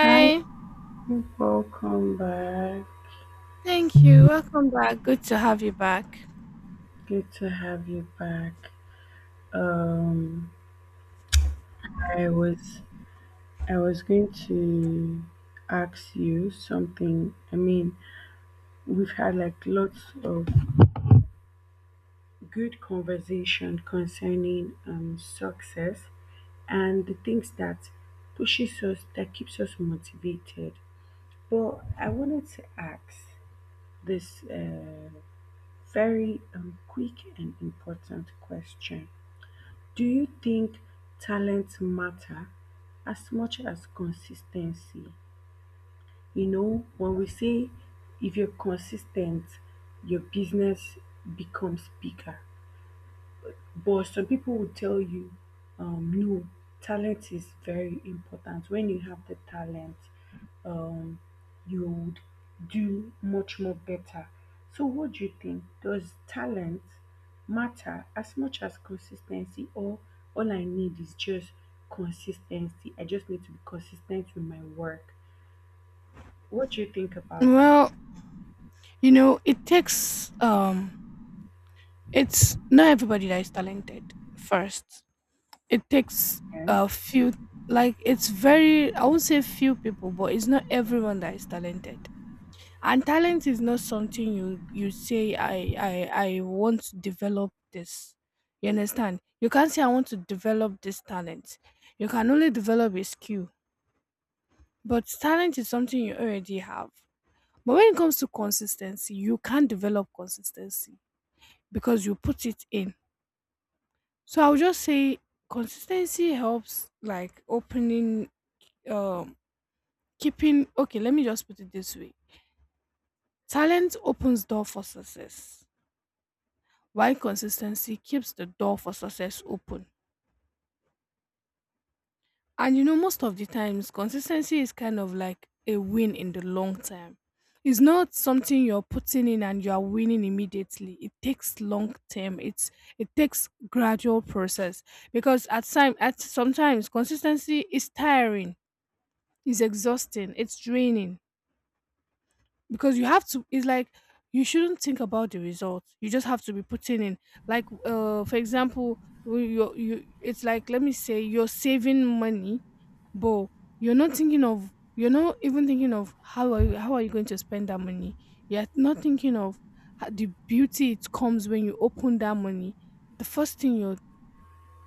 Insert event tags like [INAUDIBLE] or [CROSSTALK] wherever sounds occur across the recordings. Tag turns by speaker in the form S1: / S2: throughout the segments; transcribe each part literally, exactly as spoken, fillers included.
S1: Hi, welcome back.
S2: Thank you. Welcome back. Good to have you back.
S1: Good to have you back. Um, I was I was going to ask you something. I mean, we've had like lots of good conversation concerning um success and the things that pushes us that keeps us motivated. But I wanted to ask this uh, very um, quick and important question. Do you think talent matter as much as consistency? You know, when we say if you're consistent, your business becomes bigger. But some people will tell you, um, no, talent is very important. When you have the talent, um, you would do much more better. So, what do you think? Does talent matter as much as consistency, or all I need is just consistency? I just need to be consistent with my work. What do you think about that?
S2: Well, you know, it takes um it's not everybody that is talented first. It takes
S1: Yeah.
S2: a few, like it's very, I won't say few people, but it's not everyone that is talented. And talent is not something you you say I I I want to develop this. You understand? You can't say I want to develop this talent. You can only develop a skill. But talent is something you already have. But when it comes to consistency, you can develop consistency because you put it in. So I would just say consistency helps like opening um keeping, okay, let me just put it this way. Talent opens door for success, while consistency keeps the door for success open. And you know, most of the times, consistency is kind of like a win in the long term. It's not something you're putting in and you are winning immediately. It takes long term. It's it takes gradual process because at time at sometimes consistency is tiring, it's exhausting, it's draining because you have to. It's like you shouldn't think about the result. You just have to be putting in. Like uh, for example, you you it's like let me say you're saving money, but you're not thinking of, you're not even thinking of how are you, how are you going to spend that money. You're not thinking of ho- the beauty it comes when you open that money. The first thing you're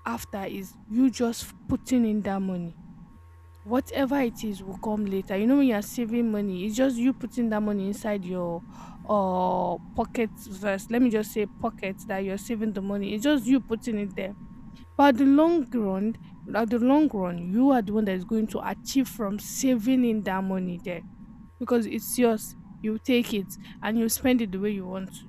S2: after is you just putting in that money. Whatever it is will come later. You know, when you're saving money, it's just you putting that money inside your uh pocket. First, let me just say pocket, that you're saving the money, it's just you putting it there. But the long run, at the long run, you are the one that is going to achieve from saving in that money there, because it's yours. You take it and you spend it the way you want to.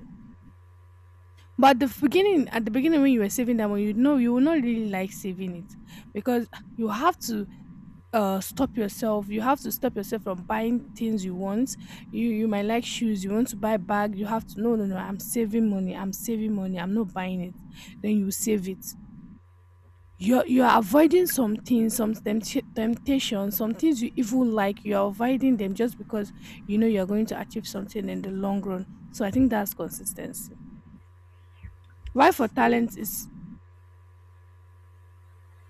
S2: But the beginning, at the beginning when you were saving that money, you know you will not really like saving it, because you have to uh stop yourself. You have to stop yourself from buying things you want. You you might like shoes. You want to buy bag. You have to no, no, no. I'm saving money. I'm saving money. I'm not buying it. Then you save it. You're you're avoiding some things, some tempt- temptations, some things you even like. You're avoiding them just because you know you're going to achieve something in the long run. So I think that's consistency. Why for talent is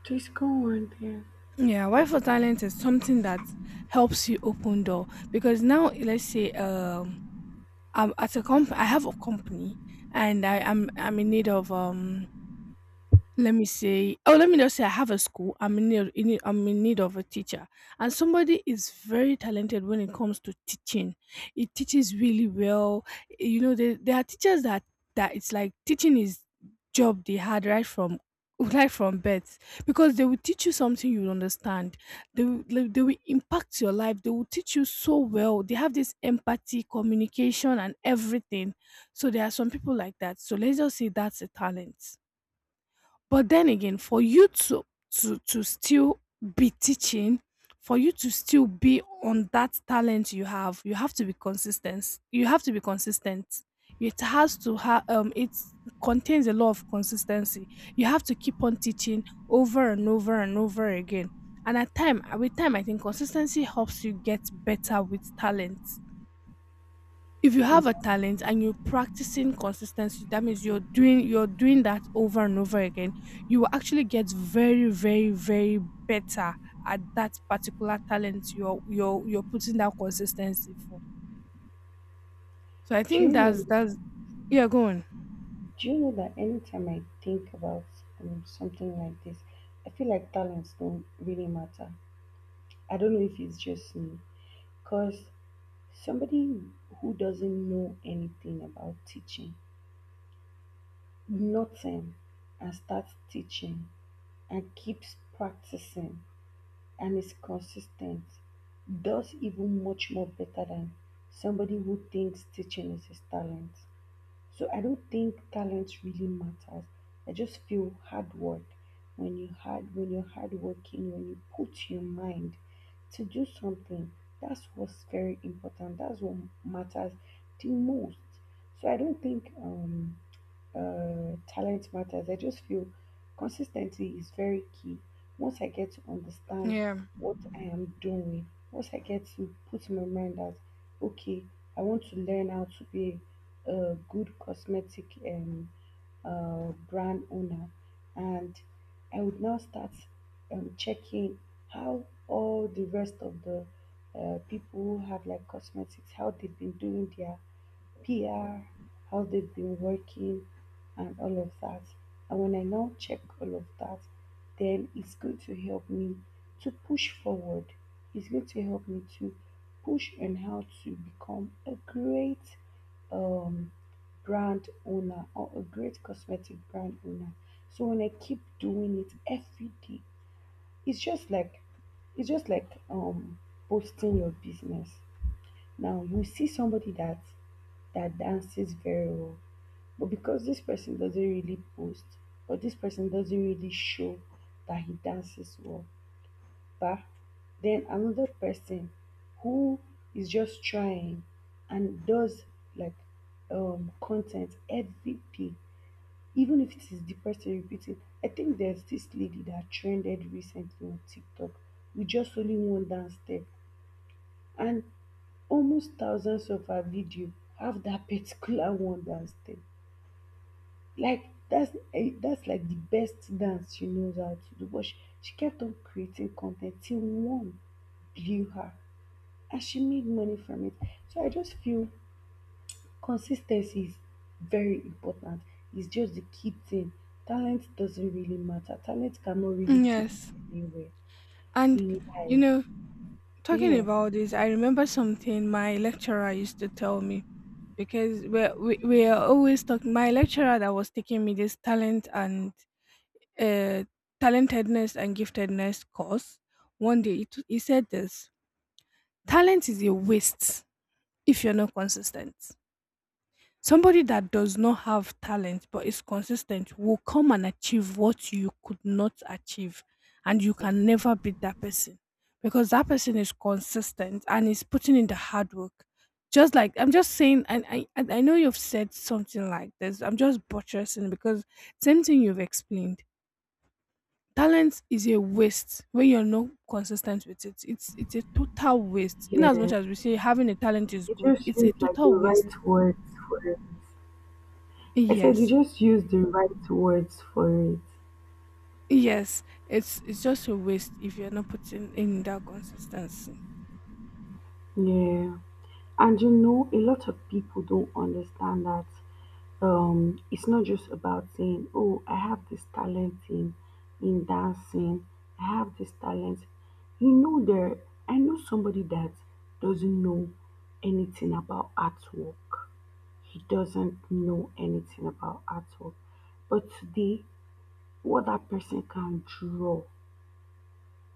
S1: Please go on there.
S2: Yeah, why for talent is something that helps you open door, because now let's say um I'm at a comp I have a company and I am I'm, I'm in need of um let me say, oh, let me just say I have a school. I'm in need in need I'm in need of a teacher, and somebody is very talented when it comes to teaching. It teaches really well. You know, there there are teachers that that it's like teaching is job they had right from [LAUGHS] right from birth, because they will teach you something you will understand. they will, they they will impact your life, they will teach you so well, they have this empathy, communication and everything. So there are some people like that, so let's just say that's a talent. But then again, for you to to to still be teaching, for you to still be on that talent you have, you have to be consistent. You have to be consistent. It has to have um it contains a lot of consistency. You have to keep on teaching over and over and over again. And at time with time, I think consistency helps you get better with talent. If you
S1: Yeah.
S2: have a talent and you're practicing consistency, that means you're doing you're doing that over and over again. You will actually get very, very, very better at that particular talent you're you're you're putting that consistency for. So I
S1: Do
S2: think
S1: you know
S2: that's that's yeah, go on.
S1: Do you know that anytime I think about um, something like this, I feel like talents don't really matter. I don't know if it's just me, because somebody who doesn't know anything about teaching, nothing, and starts teaching and keeps practicing and is consistent, does even much more better than somebody who thinks teaching is his talent. So I don't think talent really matters. I just feel hard work when you hard when you're hard working, when you put your mind to do something, that's what's very important. That's what matters the most. So I don't think um uh, talent matters. I just feel consistency is very key. Once I get to understand
S2: Yeah.
S1: what I am doing, once I get to put in my mind that, okay, I want to learn how to be a good cosmetic um, uh, brand owner, and I would now start um, checking how all the rest of the uh, people who have like cosmetics, how they've been doing their P R, how they've been working, and all of that. And when I now check all of that, then it's going to help me to push forward. It's going to help me to push on how to become a great um, brand owner or a great cosmetic brand owner. So when I keep doing it every day, it's just like it's just like um posting your business. Now you see somebody that that dances very well. But because this person doesn't really post, or this person doesn't really show that he dances well, but then another person who is just trying and does like um content every day, even if it is the person repeating. I think there's this lady that trended recently on TikTok with just only one dance step, and almost thousands of her video have that particular [LAUGHS] one dance step. Like that's eh, that's like the best dance she knows how to do, but she, she kept on creating content till one blew her and she made money from it. So I just feel consistency is very important. It's just the key thing. Talent doesn't really matter. Talent cannot really
S2: Mm,
S1: take you
S2: yes,
S1: anywhere
S2: and
S1: in
S2: you
S1: life.
S2: know, talking
S1: Yeah.
S2: about this, I remember something my lecturer used to tell me, because we're, we, we are always talking, my lecturer that was taking me this talent and uh, talentedness and giftedness course, one day it, he said this: talent is a waste if you're not consistent. Somebody that does not have talent but is consistent will come and achieve what you could not achieve, and you can never beat that person, because that person is consistent and is putting in the hard work. Just like I'm just saying, and i and i know you've said something like this, I'm just buttressing because same thing you've explained. Talent is a waste when you're not consistent with it. It's it's a total waste. In as
S1: Yeah,
S2: much as we say having a talent is
S1: you
S2: good,
S1: just
S2: it's
S1: use
S2: a
S1: like the
S2: total waste.
S1: right words for it. I said you
S2: Yes.
S1: just use the right words for it.
S2: Yes. It's it's just a waste if you're not putting in that consistency.
S1: Yeah. And you know, a lot of people don't understand that, um, it's not just about saying, "Oh, I have this talent in in dancing. I have this talent." You know, there. I know somebody that doesn't know anything about artwork. He doesn't know anything about artwork, but today, what that person can draw.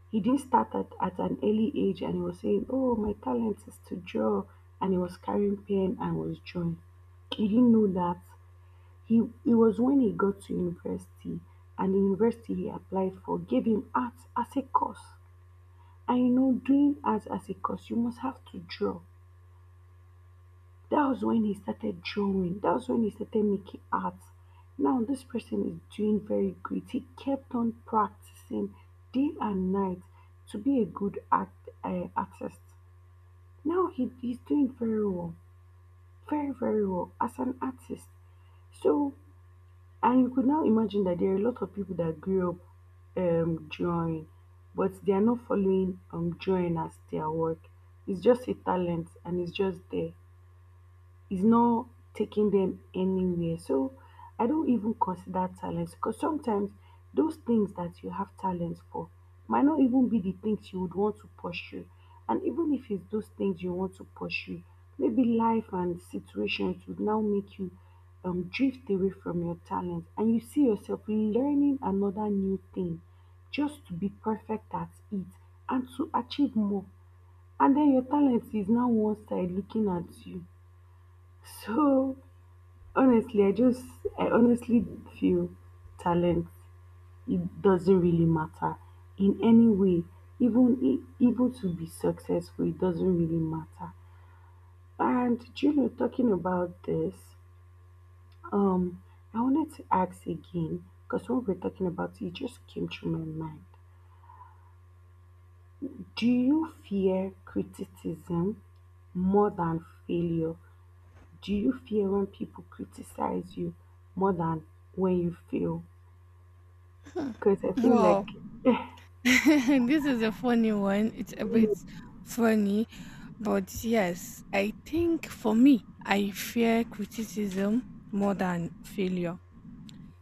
S1: He didn't start at, at an early age and he was saying, "Oh, my talent is to draw." And he was carrying pen and was drawing. He didn't know that. He, it was when he got to university and the university he applied for gave him art as a course. And you know, doing art as a course, you must have to draw. That was when he started drawing. That was when he started making art. Now this person is doing very great. He kept on practicing day and night to be a good act, uh, artist. Now he, he's doing very well, very very well as an artist. So, and you could now imagine that there are a lot of people that grew up um drawing, but they are not following um drawing as their work. It's just a talent and it's just there, is not taking them anywhere. So I don't even consider talents because sometimes those things that you have talents for might not even be the things you would want to pursue. And even if it's those things you want to pursue, maybe life and situations would now make you um, drift away from your talent and you see yourself learning another new thing just to be perfect at it and to achieve more. And then your talent is now one side looking at you. So honestly, i just I honestly feel talent, it doesn't really matter in any way, even i- even to be successful it doesn't really matter. And do you know, talking about this, um I wanted to ask again, because when we're talking about it, it just came to my mind. Do you fear criticism more than failure? Do you fear when people criticize you more than when you fail? Because I feel like.
S2: Wow. [LAUGHS] This is a funny one. It's a bit
S1: Mm.
S2: funny. But yes, I think for me, I fear criticism more than failure.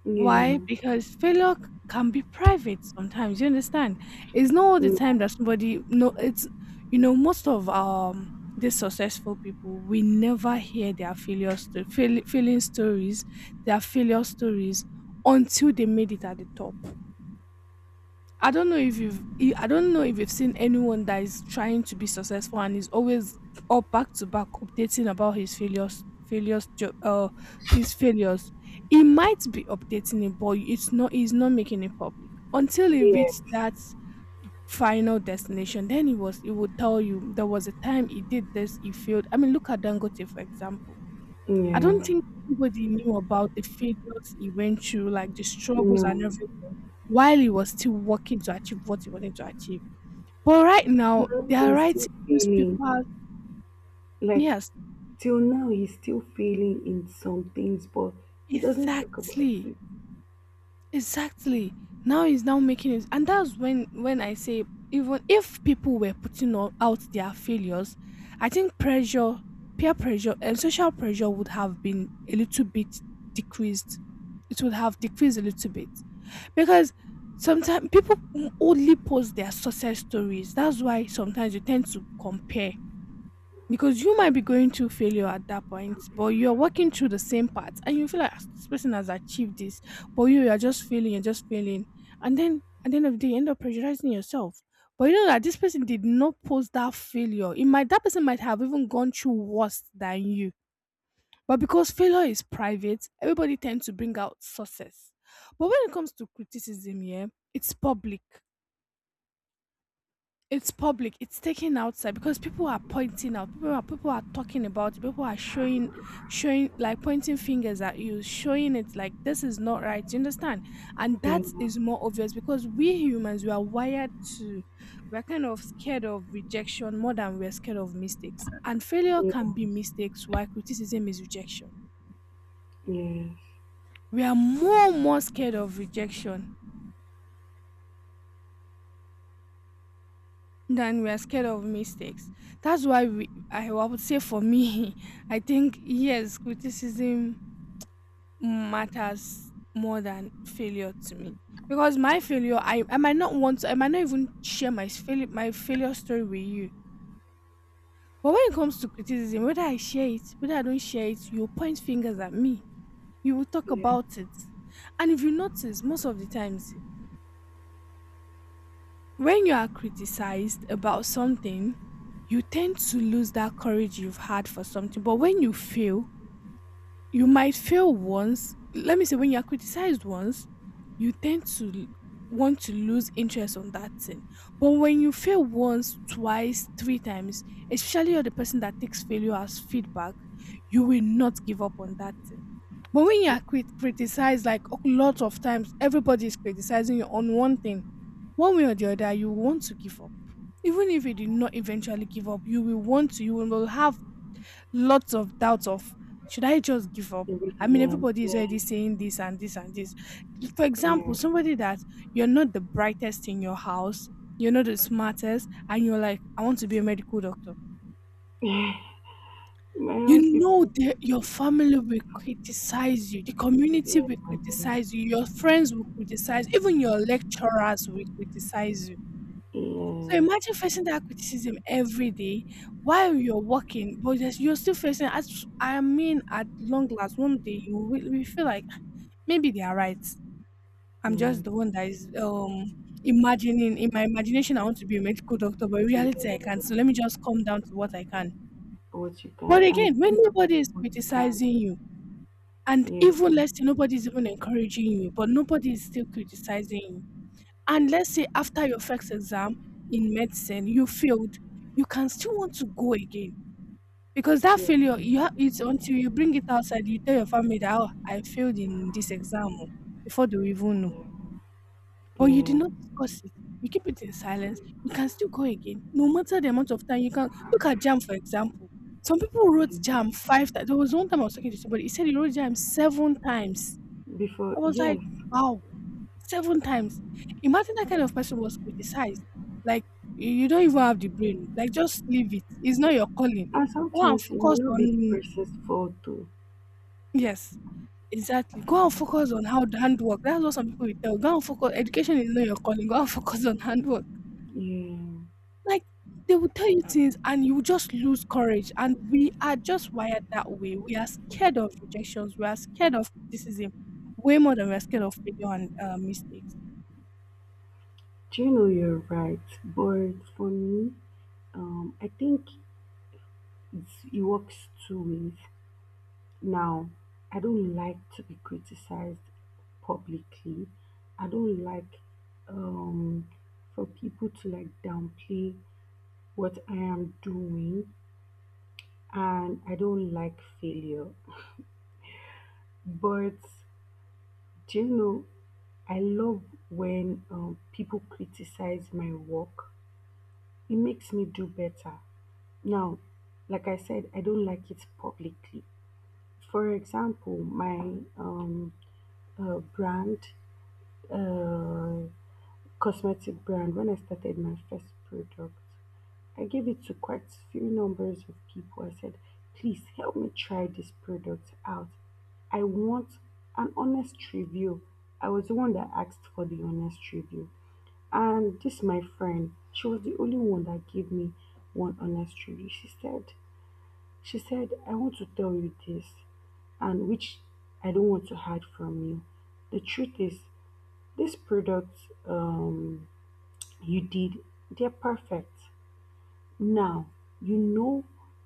S1: Yeah,
S2: Why? Because failure c- can be private sometimes. You understand? It's not all the time
S1: yeah,
S2: that somebody no. It's you know, most of um these successful people, we never hear their failure sto- fail, failing stories, their failure stories, until they made it at the top. I don't know if you've I I don't know if you've seen anyone that is trying to be successful and is always up back to back updating about his failures failures jo- uh his failures. He might be updating it, but it's not, he's not making it public. Until he reached
S1: yes,
S2: that final destination, then he was he would tell you there was a time he did this, he failed. I mean, look at Dangote for example. I
S1: yeah,
S2: don't think anybody knew about the failures he went through, like the struggles and
S1: no.
S2: everything, while he was still working to achieve what he wanted to achieve. But right now,
S1: Now
S2: they are
S1: he's
S2: writing
S1: still feeling
S2: newspapers.
S1: like,
S2: Yes,
S1: till now he's still feeling in some things, but he doesn't talk about
S2: exactly,
S1: it.
S2: exactly. Now he's now making it, and that's when when I say, even if people were putting o- out their failures, I think pressure, peer pressure, and social pressure would have been a little bit decreased. It would have decreased a little bit, because sometimes people only post their success stories. That's why sometimes you tend to compare. Because you might be going through failure at that point, but you're working through the same path and you feel like, "Ah, this person has achieved this, but you you are just failing and just failing." And then at the end of the day, you end up pressurizing yourself. But you know that this person did not post that failure. It might That person might have even gone through worse than you. But because failure is private, everybody tends to bring out success. But when it comes to criticism, yeah, it's public. It's public. It's taken outside because people are pointing out. People are people are talking about it. People are showing, showing like pointing fingers at you, showing it like this is not right. You understand? And
S1: Yeah.
S2: that is more obvious because we humans, we are wired to, we're kind of scared of rejection more than we're scared of mistakes. And failure
S1: Yeah.
S2: can be mistakes, while criticism is rejection.
S1: Yes,
S2: We are more more scared of rejection then we are scared of mistakes. That's why we, I would say for me, [LAUGHS] I think yes, criticism matters more than failure to me. Because my failure, I, I might not want to, I might not even share my failure, my failure story with you. But when it comes to criticism, whether I share it, whether I don't share it, you will point fingers at me. You will talk
S1: yeah,
S2: about it. And if you notice, most of the times, when you are criticized about something, you tend to lose that courage you've had for something. But when you fail, you might fail once. Let me say, when you are criticized once, you tend to l- want to lose interest on that thing. But when you fail once, twice, three times, especially you're the person that takes failure as feedback, you will not give up on that thing. But when you are crit- criticized, like a lot of times, everybody is criticizing you on one thing one way or the other, you want to give up. Even if you did not eventually give up, you will want to, you will have lots of doubts of, should I just give up?
S1: the
S2: I mean,
S1: reason,
S2: everybody is already
S1: yes,
S2: saying this and this and this. For
S1: yeah.
S2: example,
S1: [LAUGHS]
S2: somebody that you're not the brightest in your house, you're not the smartest, and you're like, I want to be a medical doctor.
S1: [SIGHS] My house
S2: You know
S1: people,
S2: that your family will criticize you, the community
S1: yeah,
S2: will criticize you, your friends will criticize, even your lecturers will criticize you.
S1: yes,
S2: So imagine
S1: yeah,
S2: facing that criticism every day while you're working, but there's- you're still facing. At, I mean, at long last, one day you will we feel like maybe they are right. I'm just the
S1: yeah.
S2: one that is um imagining in my imagination I want to be a medical doctor, but in reality I can't. So let me just come down to what I can.
S1: What you
S2: But
S1: can, I
S2: again, when
S1: wonder if
S2: nobody is
S1: you
S2: criticizing
S1: can,
S2: you, and
S1: yeah,
S2: even less nobody is even encouraging you, but nobody is still criticizing you, and let's say after your first exam in medicine, you failed, you can still want to go again because that
S1: yeah,
S2: failure, you ha- it's until you bring it outside, you tell your family that, oh, I failed in this exam oh, before they will even know. But you did
S1: yeah,
S2: not discuss it. You keep it in silence. You can still go again, no matter the amount of time you can. Look at jam, for example. Some people
S1: yeah.
S2: wrote jam five times. There was one time I was talking to somebody. He said he wrote jam seven times.
S1: Before,
S2: I was
S1: yes.
S2: like, wow, seven times. Imagine that kind of person was criticized. Like, you you don't even have the brain. Like, just leave it. It's not your calling.
S1: And
S2: Go and
S1: sometimes it may
S2: focus
S1: not be the
S2: on,
S1: person's fault though.
S2: yes, exactly. Go and focus on how the handwork. That's what some people will tell. Go and focus. Education is not your calling. Go and [LAUGHS] focus on handwork.
S1: Yeah.
S2: Like, they will tell you things and you just lose courage. And we are just wired that way. We are scared of rejections. We are scared of criticism way more than we are scared of failure and uh, mistakes.
S1: Do you know you're right? But for me, um, I think it's, it works two ways. Now, I don't like to be criticized publicly. I don't like um, for people to like downplay what I am doing, and I don't like failure. But do you know, I love when um, people criticize my work. It makes me do better. Now, like I said, I don't like it publicly. For example, my um, uh, brand, uh, cosmetic brand, when I started my first product, I gave it to quite few numbers of people. I said, please help me try this product out. I want an honest review. I was the one that asked for the honest review. And this my friend, she was the only one that gave me one honest review. She said, she said, I want to tell you this, and which I don't want to hide from you. The truth is, this product, um, you did, they're perfect. Now, you know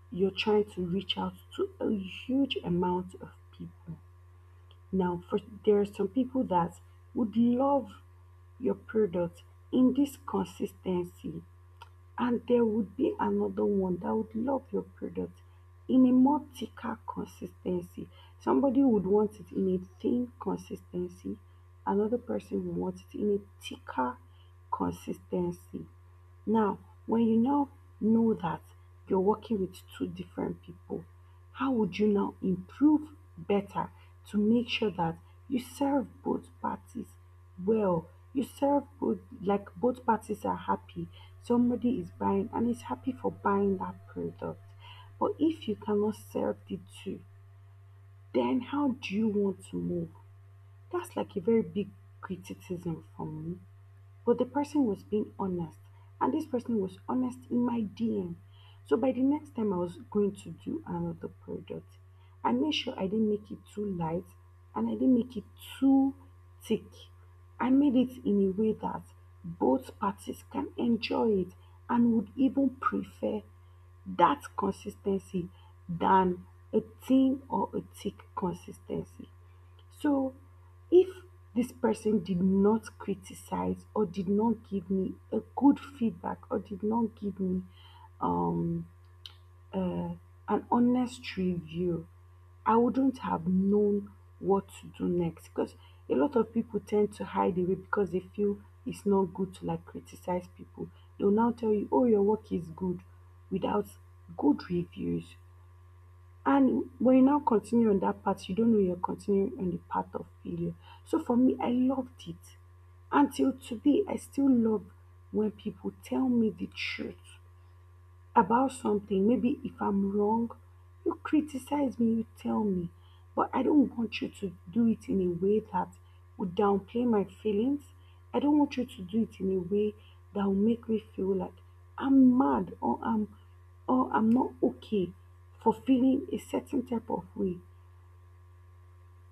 S1: you're trying to reach out to a huge amount of people. Now, for there are some people that would love your product in this consistency, and there would be another one that would love your product in a more thicker consistency. Somebody would want it in a thin consistency, another person would want it in a thicker consistency. Now, when you now know that you're working with two different people, how would you now improve better to make sure that you serve both parties well? You serve both, like both parties are happy. Somebody is buying and is happy for buying that product. But if you cannot serve the two, then how do you want to move? That's like a very big criticism from me. But the person was being honest, and this person was honest in my D M. So by the next time I was going to do another product, I made sure I didn't make it too light and I didn't make it too thick. I made it in a way that both parties can enjoy it and would even prefer that consistency than a thin or a thick consistency. So if this person did not criticize or did not give me a good feedback or did not give me um, uh, an honest review, I wouldn't have known what to do next, because a lot of people tend to hide away because they feel it's not good to like criticize people. They'll now tell you, oh, your work is good without good reviews, and when you now continue on that path, you don't know you're continuing on the path of failure. So for me, I loved it. Until today, I still love when people tell me the truth about something. Maybe if I'm wrong, you criticize me, you tell me. But I don't want you to do it in a way that would downplay my feelings. I don't want you to do it in a way that will make me feel like I'm mad or I'm or I'm not okay for feeling a certain type of way.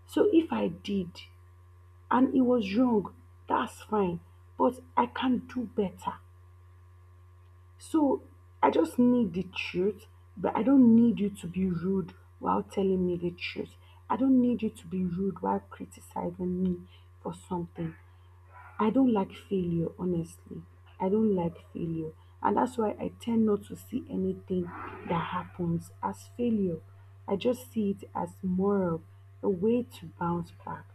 S1: So if I did and it was wrong, that's fine. But I can do better. So I just need the truth, but I don't need you to be rude while telling me the truth. I don't need you to be rude while criticizing me for something. I don't like failure, honestly. I don't like failure. And that's why I tend not to see anything that happens as failure. I just see it as more of a way to bounce back.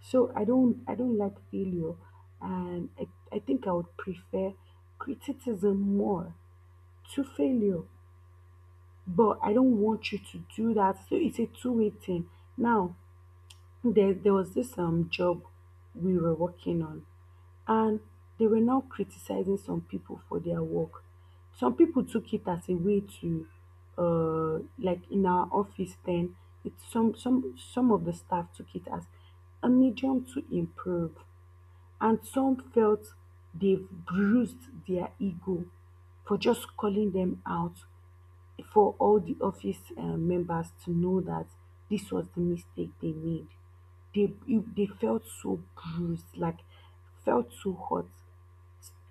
S1: So I don't I don't like failure and I, I think I would prefer criticism more to failure, but I don't want you to do that, so it's a two-way thing. Now there, there was this um job we were working on, and they were now criticizing some people for their work. Some people took it as a way to, uh like in our office then. It some some some of the staff took it as a medium to improve, and some felt they've bruised their ego for just calling them out for all the office um, members to know that this was the mistake they made. They you- they felt so bruised, like felt so hot.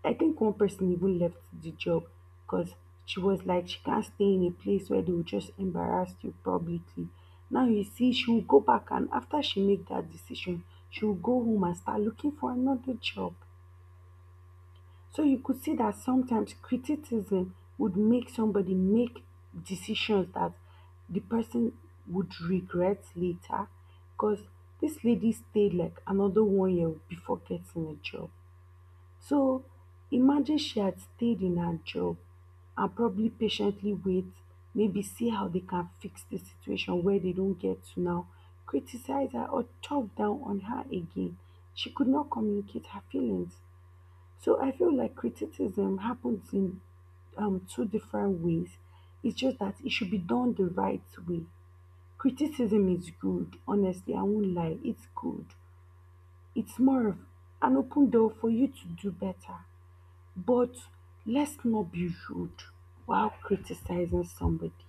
S1: I think one person even left the job because she was like she can't stay in a place where they will just embarrass you publicly. Now you see, she will go back, and after she make that decision, she will go home and start looking for another job. So you could see that sometimes criticism would make somebody make decisions that the person would regret later, because this lady stayed like another one year before getting a job. So imagine she had stayed in her job and probably patiently wait, maybe see how they can fix the situation where they don't get to now criticize her or talk down on her again. She could not communicate her feelings. So I feel like criticism happens in, um, two different ways. It's just that it should be done the right way. Criticism is good, honestly, I won't lie, it's good. It's more of an open door for you to do better. But let's not be rude while criticizing somebody.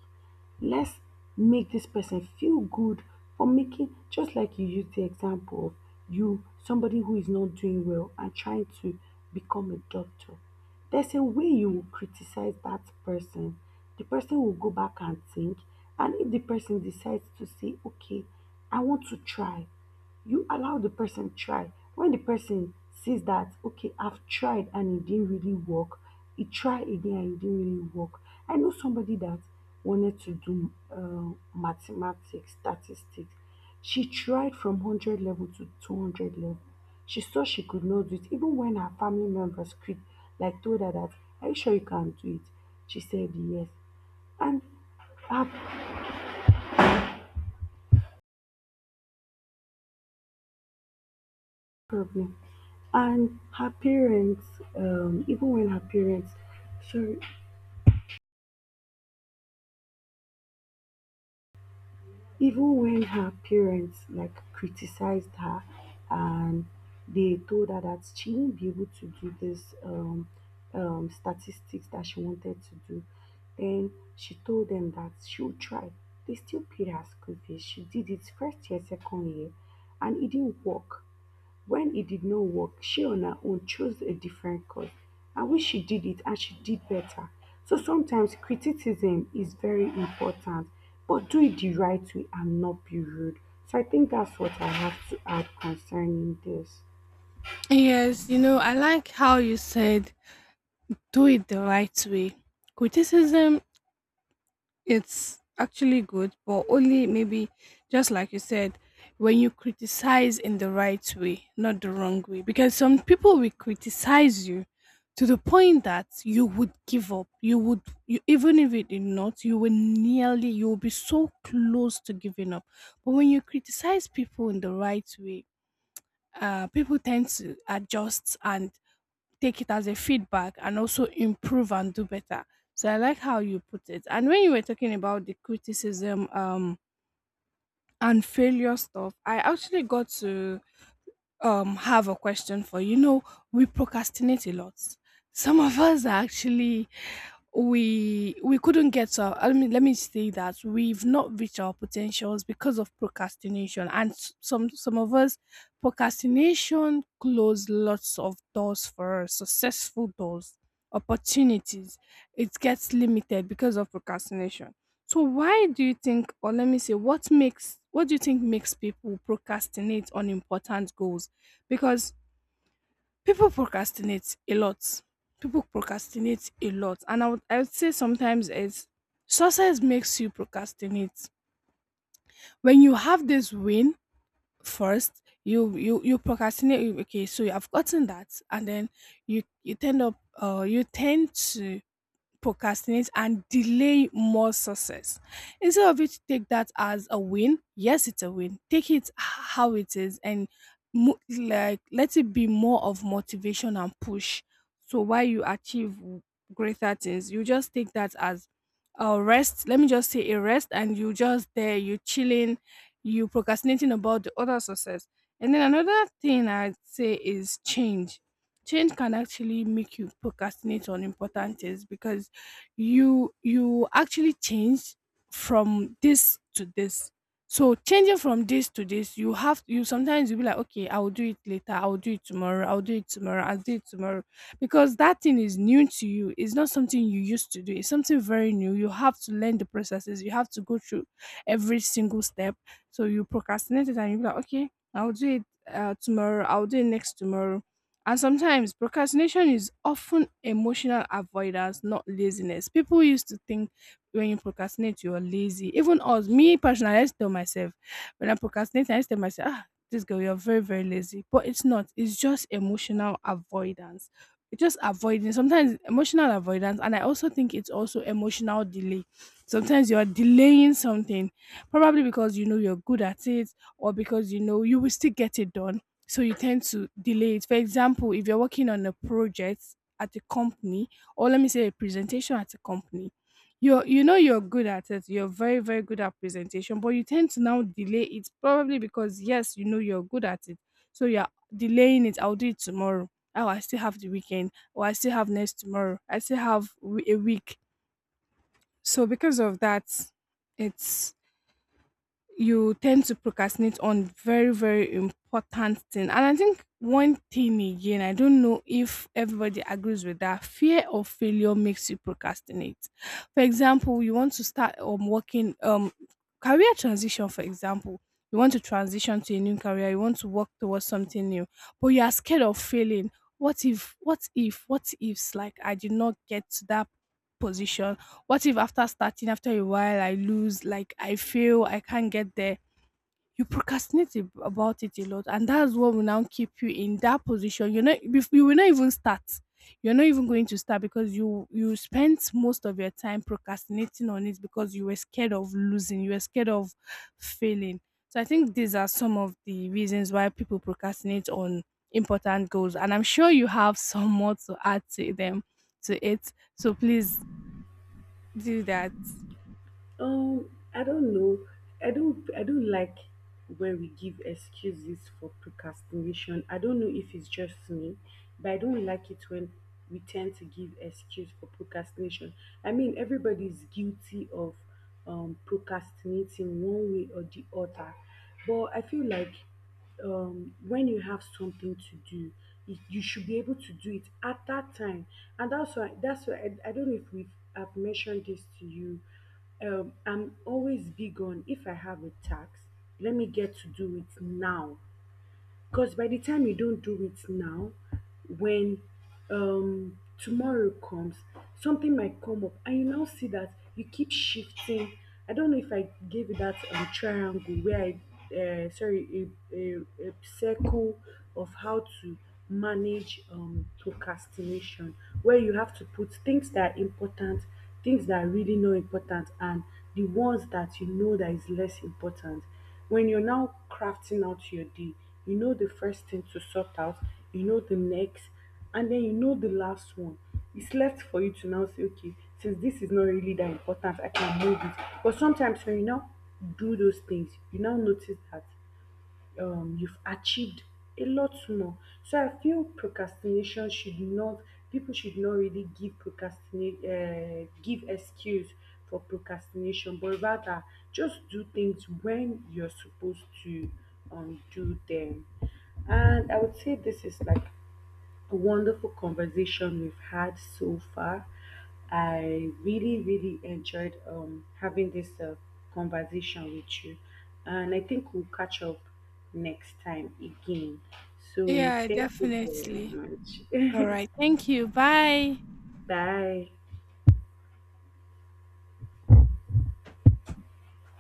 S1: Let's make this person feel good for making, just like you used the example of you somebody who is not doing well and trying to become a doctor. There's a way you will criticize that person, the person will go back and think, and if the person decides to say okay, I want to try, you allow the person try. When the person sees that okay, I've tried and it didn't really work, he tried again and it didn't really work. I know somebody that wanted to do uh, mathematics statistics. She tried from one hundred level to two hundred level. She saw she could not do it, even when her family members could, like told her that, are you sure you can do it? She said yes. And her problem and her parents, um even when her parents, sorry, even when her parents like criticized her and they told her that she won't be able to do this um um statistics that she wanted to do, then she told them that she'll try. They still paid her school fees, she did it first year, second year, and it didn't work. When it did not work, she on her own chose a different course. I wish she did it and she did better. So sometimes criticism is very important, but do it the right way and not be rude. So I think that's what I have to add concerning this.
S2: Yes, you know, I like how you said do it the right way. Criticism, it's actually good, but only maybe just like you said, when you criticize in the right way, not the wrong way. Because some people will criticize you to the point that you would give up. You would you Even if it did not, you will nearly you will be so close to giving up. But when you criticize people in the right way, uh, people tend to adjust and take it as a feedback and also improve and do better. So I like how you put it. And when you were talking about the criticism um and failure stuff, I actually got to um have a question for you. You know, we procrastinate a lot. Some of us are actually we we couldn't get to our, I mean let me say that we've not reached our potentials because of procrastination, and s- some some of us, procrastination closed lots of doors for us, successful doors, opportunities, it gets limited because of procrastination. So why do you think, or let me say, what makes what do you think makes people procrastinate on important goals? Because people procrastinate a lot. People procrastinate a lot, and I would I would say sometimes it's success makes you procrastinate. When you have this win first, you you you procrastinate. you- Okay, so you have gotten that, and then you you tend up uh you tend to procrastinate and delay more success. Instead of you to take that as a win, yes, it's a win. Take it how it is and mo- like let it be more of motivation and push. So while you achieve greater things, you just take that as a rest. Let me just say a rest, and you just there, you chilling, you procrastinating about the other success. And then another thing I'd say is change change can actually make you procrastinate on important things because you you actually change from this to this. So changing from this to this, you have you sometimes you'll be like, okay, I'll do it later, I'll do it tomorrow, I'll do it tomorrow, I'll do it tomorrow, because that thing is new to you. It's not something you used to do. It's something very new. You have to learn the processes, you have to go through every single step. So you procrastinate it and you be like, okay, I'll do it uh, tomorrow, I'll do it next tomorrow. And sometimes procrastination is often emotional avoidance, not laziness. People used to think when you procrastinate, you're lazy. Even us, me personally, I used to tell myself, when I procrastinate, I used to tell myself, ah, this girl, you're very, very lazy. But it's not. It's just emotional avoidance. It's just avoiding. Sometimes it's emotional avoidance. And I also think it's also emotional delay. Sometimes you're delaying something, probably because you know you're good at it, or because you know you will still get it done, so you tend to delay it. For example, if you're working on a project at a company, or let me say a presentation at a company, you are you know you're good at it. You're very, very good at presentation, but you tend to now delay it probably because, yes, you know you're good at it, so you're delaying it. I'll do it tomorrow. Oh, I still have the weekend, or I still have next tomorrow. I still have w- a week. So because of that, it's you tend to procrastinate on very, very important thing. And I think one thing again, I don't know if everybody agrees with that, fear of failure makes you procrastinate. For example, you want to start um working, um career transition, for example. You want to transition to a new career, you want to work towards something new, but you are scared of failing. What if what if What ifs, like, I did not get to that position. What if after starting, after a while, I lose, like I fail, I can't get there? You procrastinate ab- about it a lot, and that's what will now keep you in that position. You're not, bef- you will not even start. You're not even going to start because you you spent most of your time procrastinating on it because you were scared of losing, you were scared of failing. So I think these are some of the reasons why people procrastinate on important goals, and I'm sure you have some more to add to them to it. So please do that.
S1: Um, I don't know. I don't I don't like when we give excuses for procrastination. I don't know if it's just me, but I don't like it when we tend to give excuse for procrastination. I mean, everybody is guilty of um procrastinating one way or the other. But I feel like, um, when you have something to do it, you should be able to do it at that time. And that's why that's why i, I don't know if we've I've mentioned this to you. um, I'm always big on if I have a tax, let me get to do it now, because by the time you don't do it now, when, um, tomorrow comes, something might come up, and you now see that you keep shifting. I don't know if I gave you that um, triangle where I, uh, sorry, a, a, a circle of how to manage um, procrastination, where you have to put things that are important, things that are really not important, and the ones that you know that is less important. When you're now crafting out your day, you know the first thing to sort out, you know the next, and then you know the last one. It's left for you to now say, okay, since this is not really that important, I can move it. But sometimes when you now do those things, you now notice that, um, you've achieved a lot more. So I feel procrastination should not, people should not really give procrastinate uh, give excuse for procrastination, but rather just do things when you're supposed to, um, do them. And I would say this is like a wonderful conversation we've had so far. I really, really enjoyed um, having this uh, conversation with you, and I think we'll catch up next time again. So,
S2: Yeah,
S1: thank you very
S2: definitely.
S1: much.
S2: All right. Thank you. Bye.
S1: [LAUGHS] Bye.